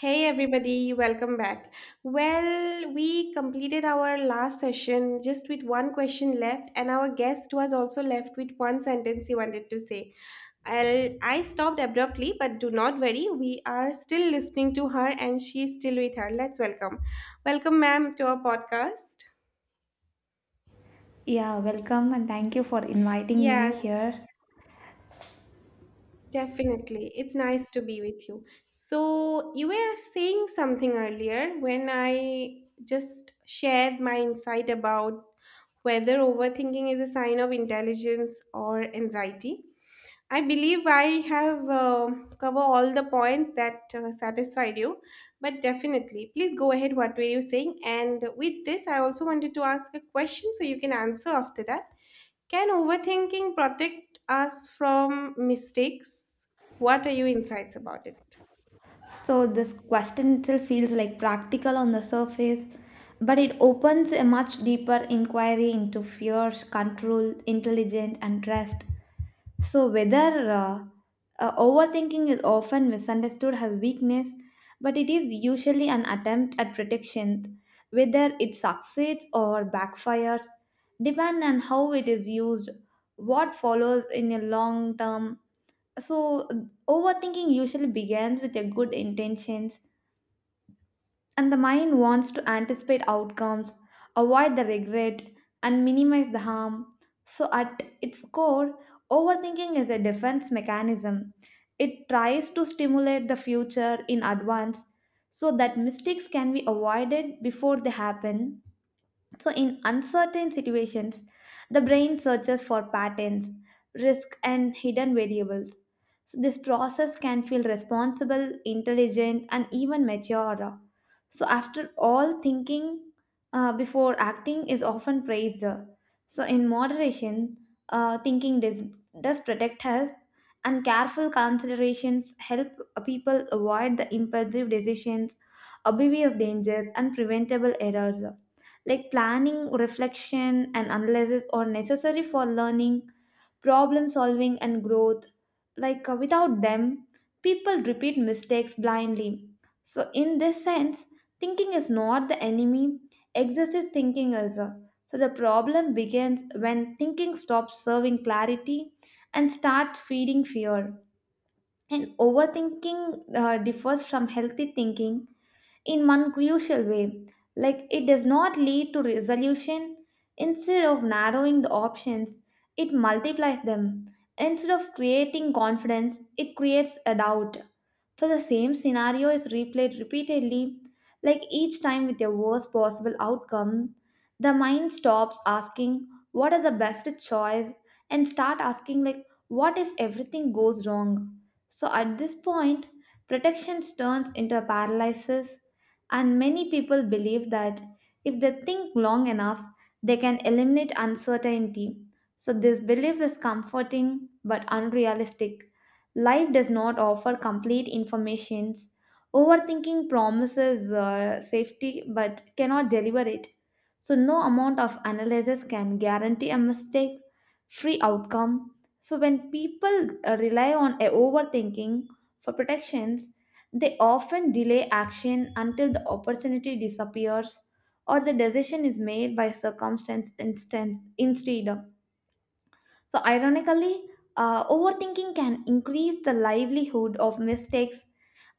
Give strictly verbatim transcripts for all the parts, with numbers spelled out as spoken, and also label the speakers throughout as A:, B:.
A: Hey everybody, welcome back. Well, we completed our last session just with one question left, and our guest was also left with one sentence he wanted to say. I'll, I stopped abruptly, but do not worry, we are still listening to her and she's still with her. Let's welcome. Welcome, ma'am, to our podcast.
B: Yeah, welcome and thank you for inviting me
A: Yes,
B: here.
A: definitely. It's nice to be with you. So, you were saying something earlier when I just shared my insight about whether overthinking is a sign of intelligence or anxiety. I believe I have uh, covered all the points that uh, satisfied you, but definitely, please go ahead. What were you saying? And with this, I also wanted to ask a question so you can answer after that. Can overthinking protect us from mistakes? What are your insights about it?
B: So, this question itself feels like practical on the surface, but it opens a much deeper inquiry into fear, control, intelligence, and trust. So, whether uh, uh, overthinking is often misunderstood as weakness, but it is usually an attempt at protection. Whether it succeeds or backfires depend on how it is used, what follows in a long term. So, overthinking usually begins with your good intentions, and the mind wants to anticipate outcomes, avoid the regret, and minimize the harm. So, at its core, overthinking is a defense mechanism. It tries to stimulate the future in advance so that mistakes can be avoided before they happen. So, in uncertain situations, the brain searches for patterns, risk, and hidden variables. So, this process can feel responsible, intelligent, and even mature. So, after all, thinking uh, before acting is often praised. So, in moderation, uh, thinking does, does protect us, and careful considerations help people avoid the impulsive decisions, obvious dangers, and preventable errors. Like planning, reflection, and analysis are necessary for learning, problem solving, and growth. Like uh, without them, people repeat mistakes blindly. So, in this sense, thinking is not the enemy, excessive thinking is. uh, So, the problem begins when thinking stops serving clarity and starts feeding fear. And overthinking uh, differs from healthy thinking in one crucial way. Like it does not lead to resolution. Instead of narrowing the options, it multiplies them. Instead of creating confidence, it creates a doubt. So the same scenario is replayed repeatedly, like each time with a worst possible outcome. The mind stops asking what is the best choice and start asking like what if everything goes wrong. So at this point, protection turns into a paralysis and many people believe that if they think long enough, they can eliminate uncertainty. So this belief is comforting but unrealistic. Life does not offer complete informations. Overthinking promises uh, safety but cannot deliver it. So, no amount of analysis can guarantee a mistake free outcome. So, when people uh, rely on a overthinking for protections, they often delay action until the opportunity disappears or the decision is made by circumstance instance instead. So, ironically, uh, overthinking can increase the livelihood of mistakes,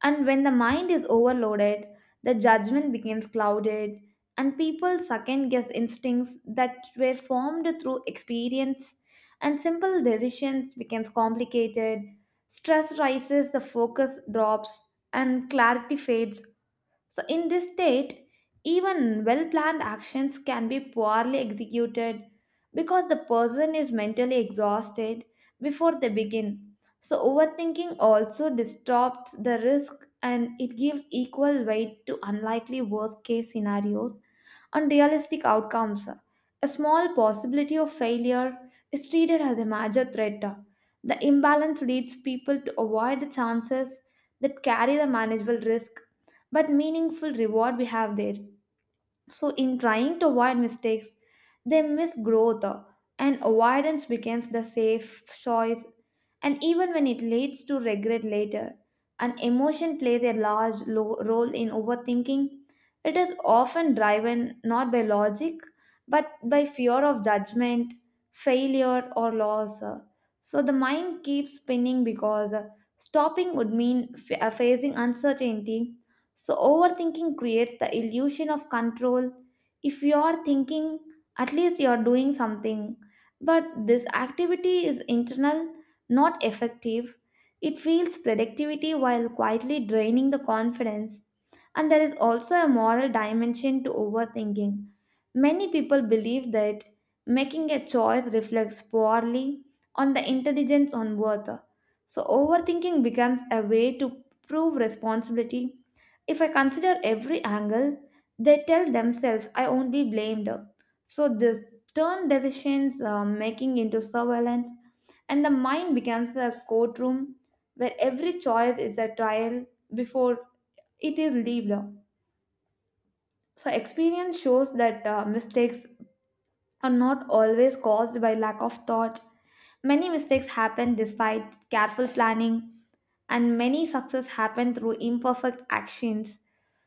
B: and when the mind is overloaded, the judgment becomes clouded, and people second guess instincts that were formed through experience, and simple decisions becomes complicated. Stress rises, the focus drops, and clarity fades. So, in this state, even well planned actions can be poorly executed because the person is mentally exhausted before they begin. So, overthinking also distorts the risk and it gives equal weight to unlikely worst case scenarios and realistic outcomes. A small possibility of failure is treated as a major threat. The imbalance leads people to avoid the chances that carry the manageable risk but meaningful reward we have there. So, in trying to avoid mistakes, they miss growth, uh, and avoidance becomes the safe choice, and even when it leads to regret later. An emotion plays a large lo- role in overthinking. It is often driven not by logic but by fear of judgment, failure, or loss. So the mind keeps spinning because uh, stopping would mean f- uh, facing uncertainty. So, overthinking creates the illusion of control. If you are thinking, at least you are doing something. But this activity is internal, not effective. It feels productivity while quietly draining the confidence. And there is also a moral dimension to overthinking. Many people believe that making a choice reflects poorly on the intelligence on worth. So overthinking becomes a way to prove responsibility. If I consider every angle, they tell themselves I won't be blamed. So this turn decisions uh, making into surveillance and the mind becomes a courtroom where every choice is a trial before it is lived. So, experience shows that uh, mistakes are not always caused by lack of thought. Many mistakes happen despite careful planning, and many success happen through imperfect actions.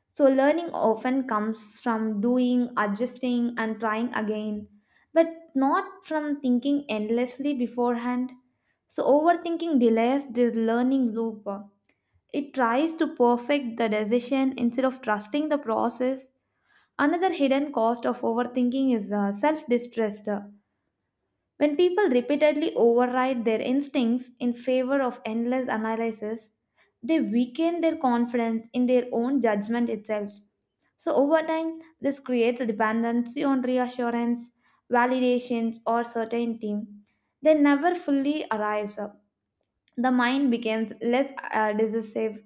B: So, learning often comes from doing, adjusting, and trying again, but not from thinking endlessly beforehand. So, overthinking delays this learning loop. It tries to perfect the decision instead of trusting the process. Another hidden cost of overthinking is uh, self distrust. When people repeatedly override their instincts in favor of endless analysis, they weaken their confidence in their own judgment itself. So, over time, this creates a dependency on reassurance, validations, or certainty. They never fully arrives. The mind becomes less uh, decisive,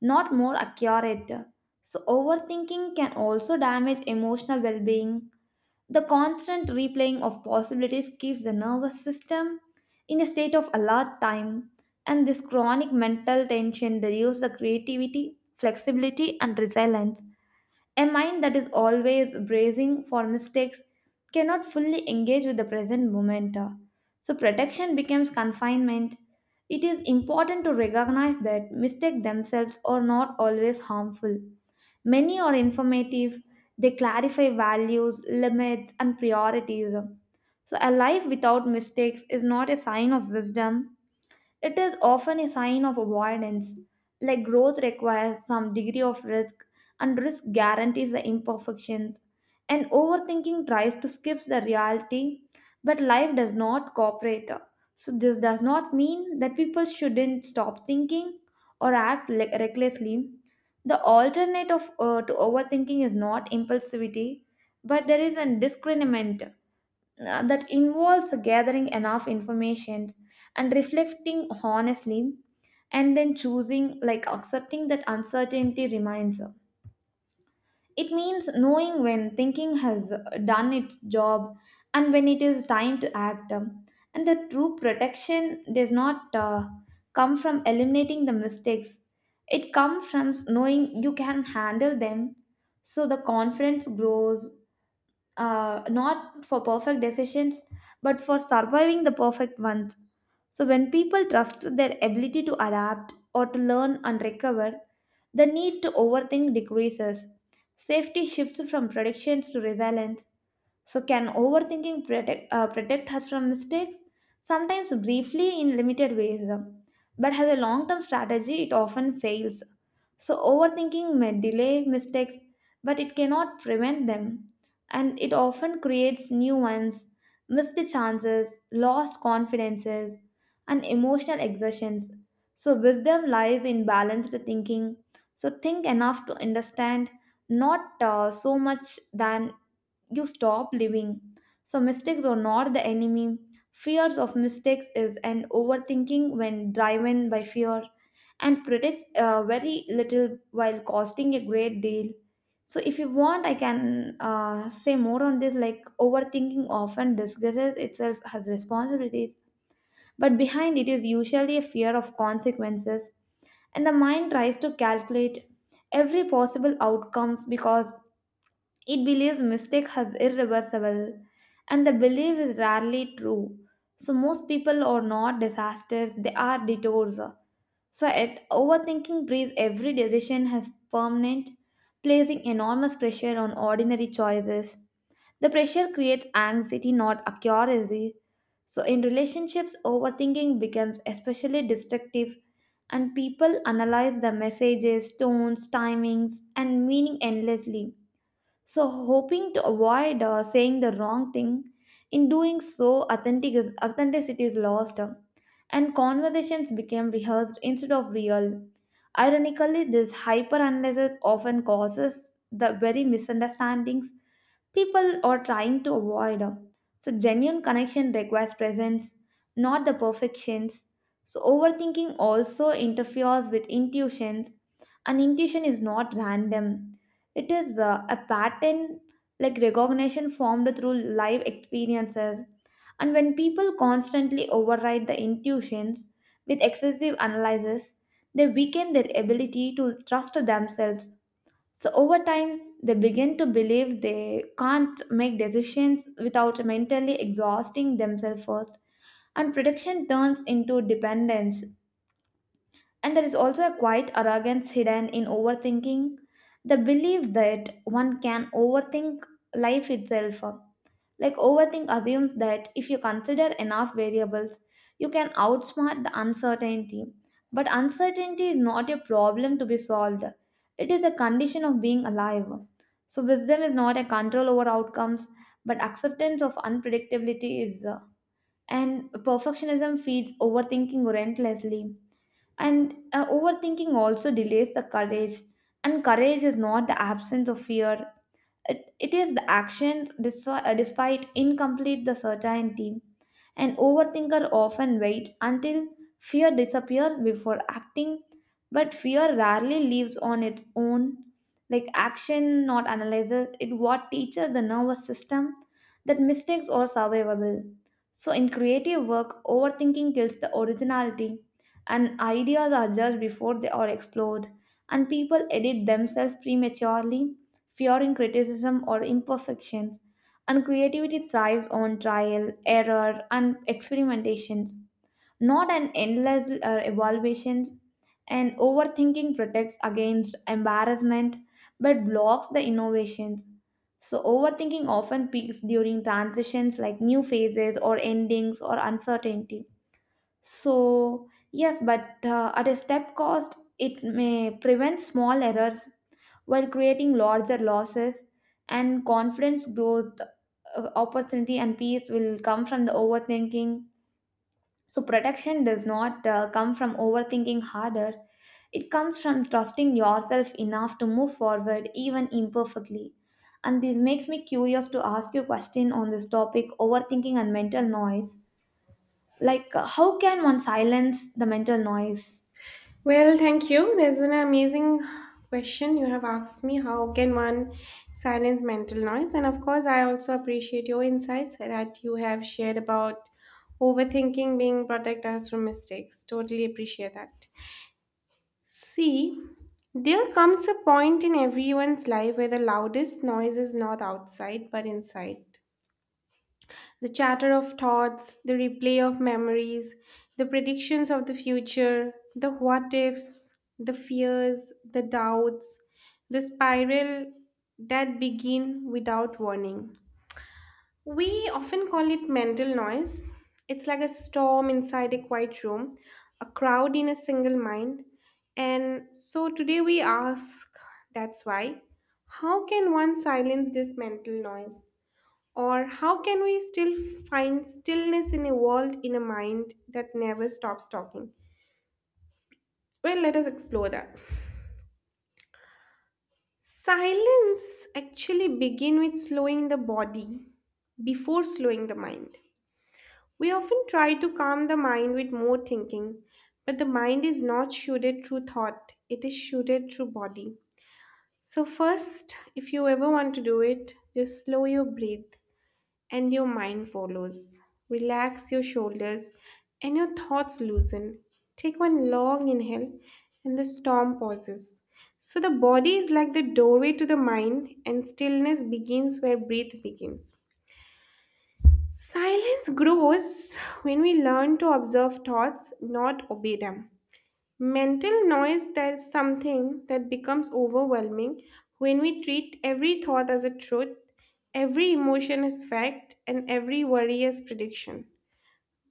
B: not more accurate. So, overthinking can also damage emotional well being. The constant replaying of possibilities keeps the nervous system in a state of alert time, and this chronic mental tension reduces the creativity, flexibility, and resilience. A mind that is always bracing for mistakes cannot fully engage with the present moment. So, protection becomes confinement. It is important to recognize that mistakes themselves are not always harmful. Many are informative, they clarify values, limits, and priorities. So, a life without mistakes is not a sign of wisdom, it is often a sign of avoidance, like growth requires some degree of risk, and risk guarantees the imperfections. And overthinking tries to skip the reality, but life does not cooperate. So, this does not mean that people shouldn't stop thinking or act le- recklessly. The alternative uh, to overthinking is not impulsivity, but there is a discernment uh, that involves gathering enough information and reflecting honestly and then choosing like accepting that uncertainty remains. It means knowing when thinking has done its job and when it is time to act um, And the true protection does not uh, come from eliminating the mistakes. It comes from knowing you can handle them. So the confidence grows, uh, not for perfect decisions, but for surviving the perfect ones. So, when people trust their ability to adapt or to learn and recover, the need to overthink decreases. Safety shifts from predictions to resilience. So, can overthinking protect, uh, protect us from mistakes? Sometimes briefly in limited ways, uh, but as a long term strategy, it often fails. So, overthinking may delay mistakes, but it cannot prevent them. And it often creates new ones, missed chances, lost confidences, and emotional exertions. So, wisdom lies in balanced thinking. So, think enough to understand, not uh, so much than you stop living. So, mistakes are not the enemy. Fears of mistakes is an overthinking when driven by fear and predicts uh, very little while costing a great deal. So, if you want, I can uh, say more on this. Like, overthinking often disguises itself as responsibilities, but behind it is usually a fear of consequences, and the mind tries to calculate every possible outcomes because it believes mistake is irreversible and the belief is rarely true. So most people are not disasters, they are detours. So at overthinking breeds every decision as permanent, placing enormous pressure on ordinary choices. The pressure creates anxiety, not accuracy. So in relationships, overthinking becomes especially destructive and people analyze the messages, tones, timings, and meaning endlessly. So, hoping to avoid uh, saying the wrong thing, in doing so, authentic is, authenticity is lost uh, And conversations became rehearsed instead of real. Ironically, this hyperanalysis often causes the very misunderstandings people are trying to avoid. uh, So, genuine connection requires presence, not the perfections. So, overthinking also interferes with intuitions, and intuition is not random. It is uh, a pattern like recognition formed through live experiences. And when people constantly override the intuitions with excessive analysis, they weaken their ability to trust themselves. So over time, they begin to believe they can't make decisions without mentally exhausting themselves first. And prediction turns into dependence. And there is also a quiet arrogance hidden in overthinking, the belief that one can overthink life itself. Like overthink assumes that if you consider enough variables, you can outsmart the uncertainty. But uncertainty is not a problem to be solved, it is a condition of being alive. So, wisdom is not a control over outcomes, but acceptance of unpredictability is. uh, And perfectionism feeds overthinking relentlessly. And uh, overthinking also delays the courage. And courage is not the absence of fear, it, it is the actions despi- uh, despite incomplete the certainty. An overthinker often waits until fear disappears before acting, but fear rarely lives on its own. Like action, not analysis, it what teaches the nervous system that mistakes are survivable. So in creative work, overthinking kills the originality, and ideas are judged before they are explored, and people edit themselves prematurely fearing criticism or imperfections, and creativity thrives on trial, error, and experimentations, not an endless uh, evaluations. And overthinking protects against embarrassment but blocks the innovations. So, overthinking often peaks during transitions like new phases or endings or uncertainty. So, yes, but uh, at a step cost, it may prevent small errors while creating larger losses, and confidence growth, uh, opportunity, and peace will come from the overthinking. So, protection does not uh, come from overthinking harder, it comes from trusting yourself enough to move forward, even imperfectly. And this makes me curious to ask you a question on this topic overthinking and mental noise. Like, uh, how can one silence the mental noise?
A: Well, thank you. There's an amazing question you have asked me. How can one silence mental noise? And of course, I also appreciate your insights that you have shared about overthinking being protect us from mistakes. Totally appreciate that. See, there comes a point in everyone's life where the loudest noise is not outside but inside. The chatter of thoughts, the replay of memories, the predictions of the future, the what ifs, the fears, the doubts, the spiral that begin without warning. We often call it mental noise. It's like a storm inside a quiet room, a crowd in a single mind. And so today we ask that's why, how can one silence this mental noise? Or how can we still find stillness in a world in a mind that never stops talking? Well, let us explore that. Silence actually begin with slowing the body before slowing the mind. We often try to calm the mind with more thinking, but the mind is not shielded through thought, it is shielded through body. So first, if you ever want to do it, just slow your breath and your mind follows. Relax your shoulders and your thoughts loosen. Take one long inhale and the storm pauses. So the body is like the doorway to the mind and stillness begins where breath begins. Silence grows when we learn to observe thoughts, not obey them. Mental noise that's something that becomes overwhelming when we treat every thought as a truth, every emotion as fact, and every worry as prediction.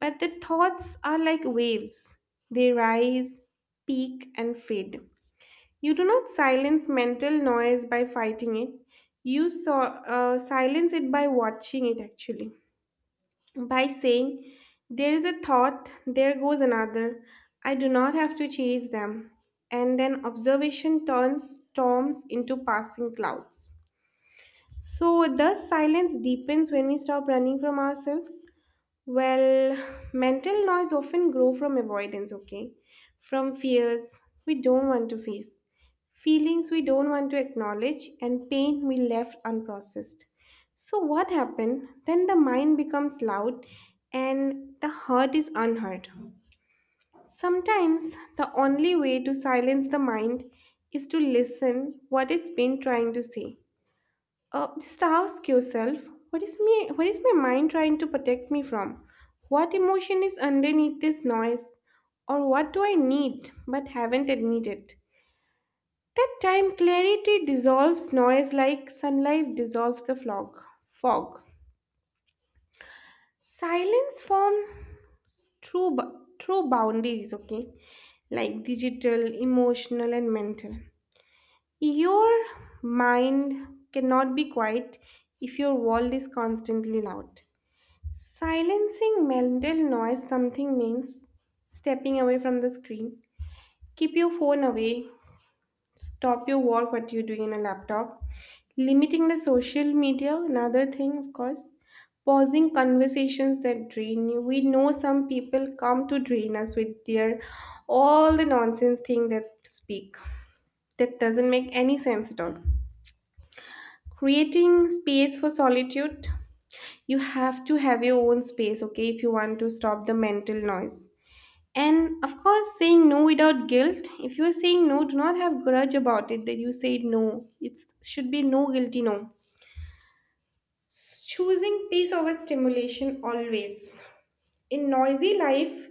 A: But the thoughts are like waves. They rise, peak, and fade. You do not silence mental noise by fighting it. You saw, uh, silence it by watching it actually by saying, there is a thought, there goes another. I do not have to chase them. And an observation turns storms into passing clouds. So, thus, silence deepens when we stop running from ourselves. Well, mental noise often grow from avoidance, okay? From fears we don't want to face, feelings we don't want to acknowledge, and pain we left unprocessed. So what happened? Then the mind becomes loud and the heart is unheard. Sometimes the only way to silence the mind is to listen what it's been trying to say. Uh, just ask yourself, what is me? What is my mind trying to protect me from? What emotion is underneath this noise? Or what do I need but haven't admitted? That time clarity dissolves noise like sunlight dissolves the fog. Fog. Silence forms true, bu- true boundaries. Okay, like digital, emotional, and mental. Your mind cannot be quiet if your world is constantly loud. Silencing mental noise something means stepping away from the screen. Keep your phone away. Stop your work what you're doing on a laptop. Limiting the social media, another thing of course. Pausing conversations that drain you. We know some people come to drain us with their all the nonsense thing that speak. That doesn't make any sense at all. Creating space for solitude, you have to have your own space, okay, if you want to stop the mental noise. And of course, saying no without guilt. If you're saying no, do not have grudge about it that you said no, it should be no guilty no. S- choosing peace over stimulation always. A noisy life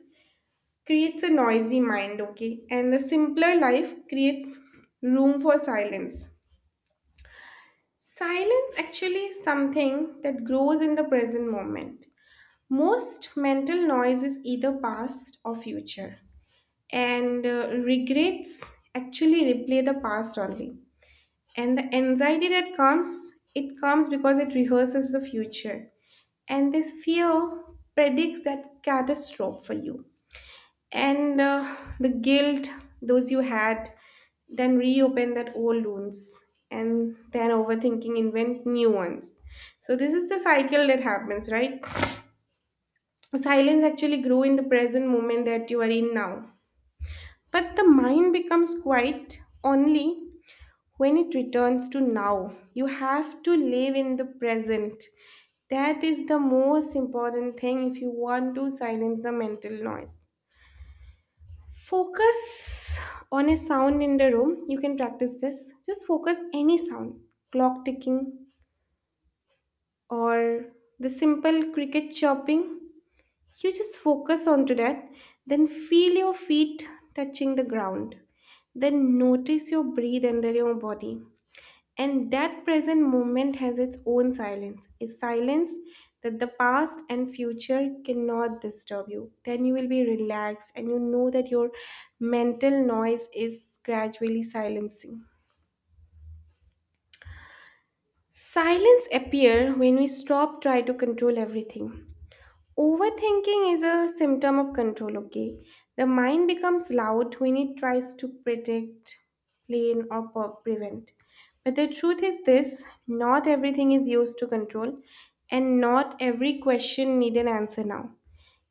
A: creates a noisy mind, okay, and the simpler life creates room for silence. Silence actually is something that grows in the present moment. Most mental noise is either past or future, and uh, regrets actually replay the past only. And the anxiety that comes, it comes because it rehearses the future, and this fear predicts that catastrophe for you. And uh, the guilt, those you had, then reopen that old wounds, and then overthinking invent new ones. So this is the cycle that happens, right? Silence actually grow in the present moment that you are in now. But the mind becomes quiet only when it returns to now. You have to live in the present. That is the most important thing if you want to silence the mental noise. Focus on a sound in the room. You can practice this. Just focus any sound, clock ticking or the simple cricket chirping. You just focus onto that, then feel your feet touching the ground. Then notice your breathe under your body. And that present moment has its own silence, a silence that the past and future cannot disturb you. Then you will be relaxed and you know that your mental noise is gradually silencing. Silence appear when we stop trying to control everything. Overthinking is a symptom of control, okay? The mind becomes loud when it tries to predict, plan, or per- prevent. But the truth is this, not everything is used to control, and not every question need an answer now,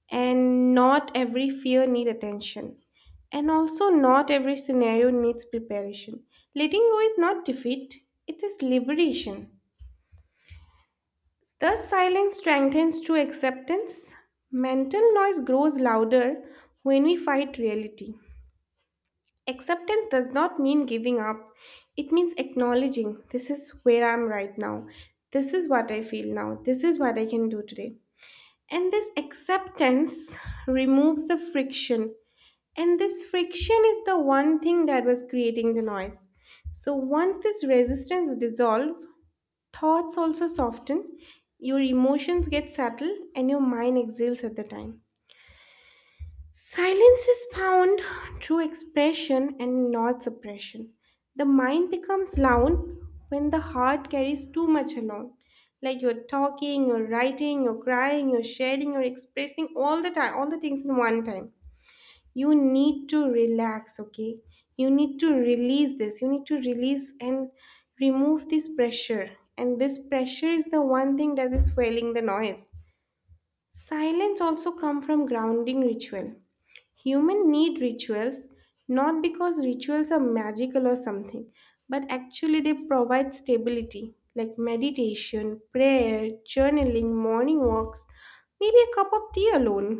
A: and not every fear need attention. And also, not every scenario needs preparation. Letting go is not defeat, it is liberation. Thus, silence strengthens true acceptance. Mental noise grows louder when we fight reality. Acceptance does not mean giving up, it means acknowledging this is where I am right now, this is what I feel now, this is what I can do today. And this acceptance removes the friction. And this friction is the one thing that was creating the noise. So once this resistance dissolves, thoughts also soften, your emotions get settled, and your mind exhales at the time. Silence is found through expression and not suppression. The mind becomes loud when the heart carries too much along. Like you're talking, you're writing, you're crying, you're sharing, you're expressing all the time, all the things in one time, you need to relax, okay? You need to release this, you need to release and remove this pressure, and this pressure is the one thing that is fueling the noise. Silence also come from grounding ritual. Human need rituals, not because rituals are magical or something, but actually they provide stability, like meditation, prayer, journaling, morning walks, maybe a cup of tea alone.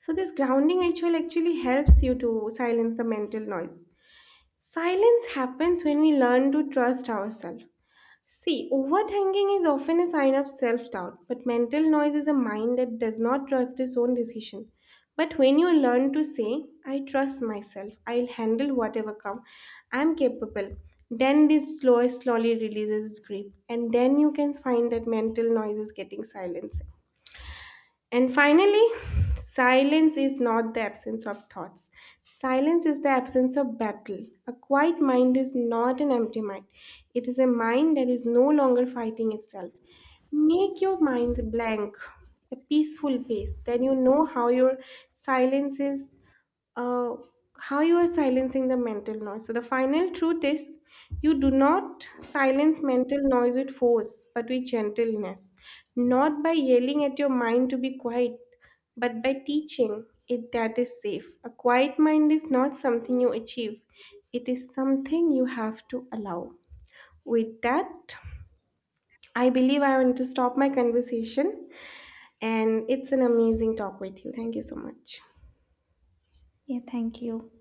A: So, this grounding ritual actually helps you to silence the mental noise. Silence happens when we learn to trust ourselves. See, overthinking is often a sign of self doubt, but mental noise is a mind that does not trust its own decision. But when you learn to say, I trust myself, I'll handle whatever comes, I'm capable, then this slow slowly releases its grip, and then you can find that mental noise is getting silenced. And finally, silence is not the absence of thoughts. Silence is the absence of battle. A quiet mind is not an empty mind, it is a mind that is no longer fighting itself. Make your mind blank, a peaceful place. Then you know how your silence is, uh, how you are silencing the mental noise. So, the final truth is you do not silence mental noise with force, but with gentleness. Not by yelling at your mind to be quiet, but by teaching it that is safe. A quiet mind is not something you achieve, it is something you have to allow. With that, I believe I want to stop my conversation, and it's an amazing talk with you. Thank you so much.
B: Yeah, thank you.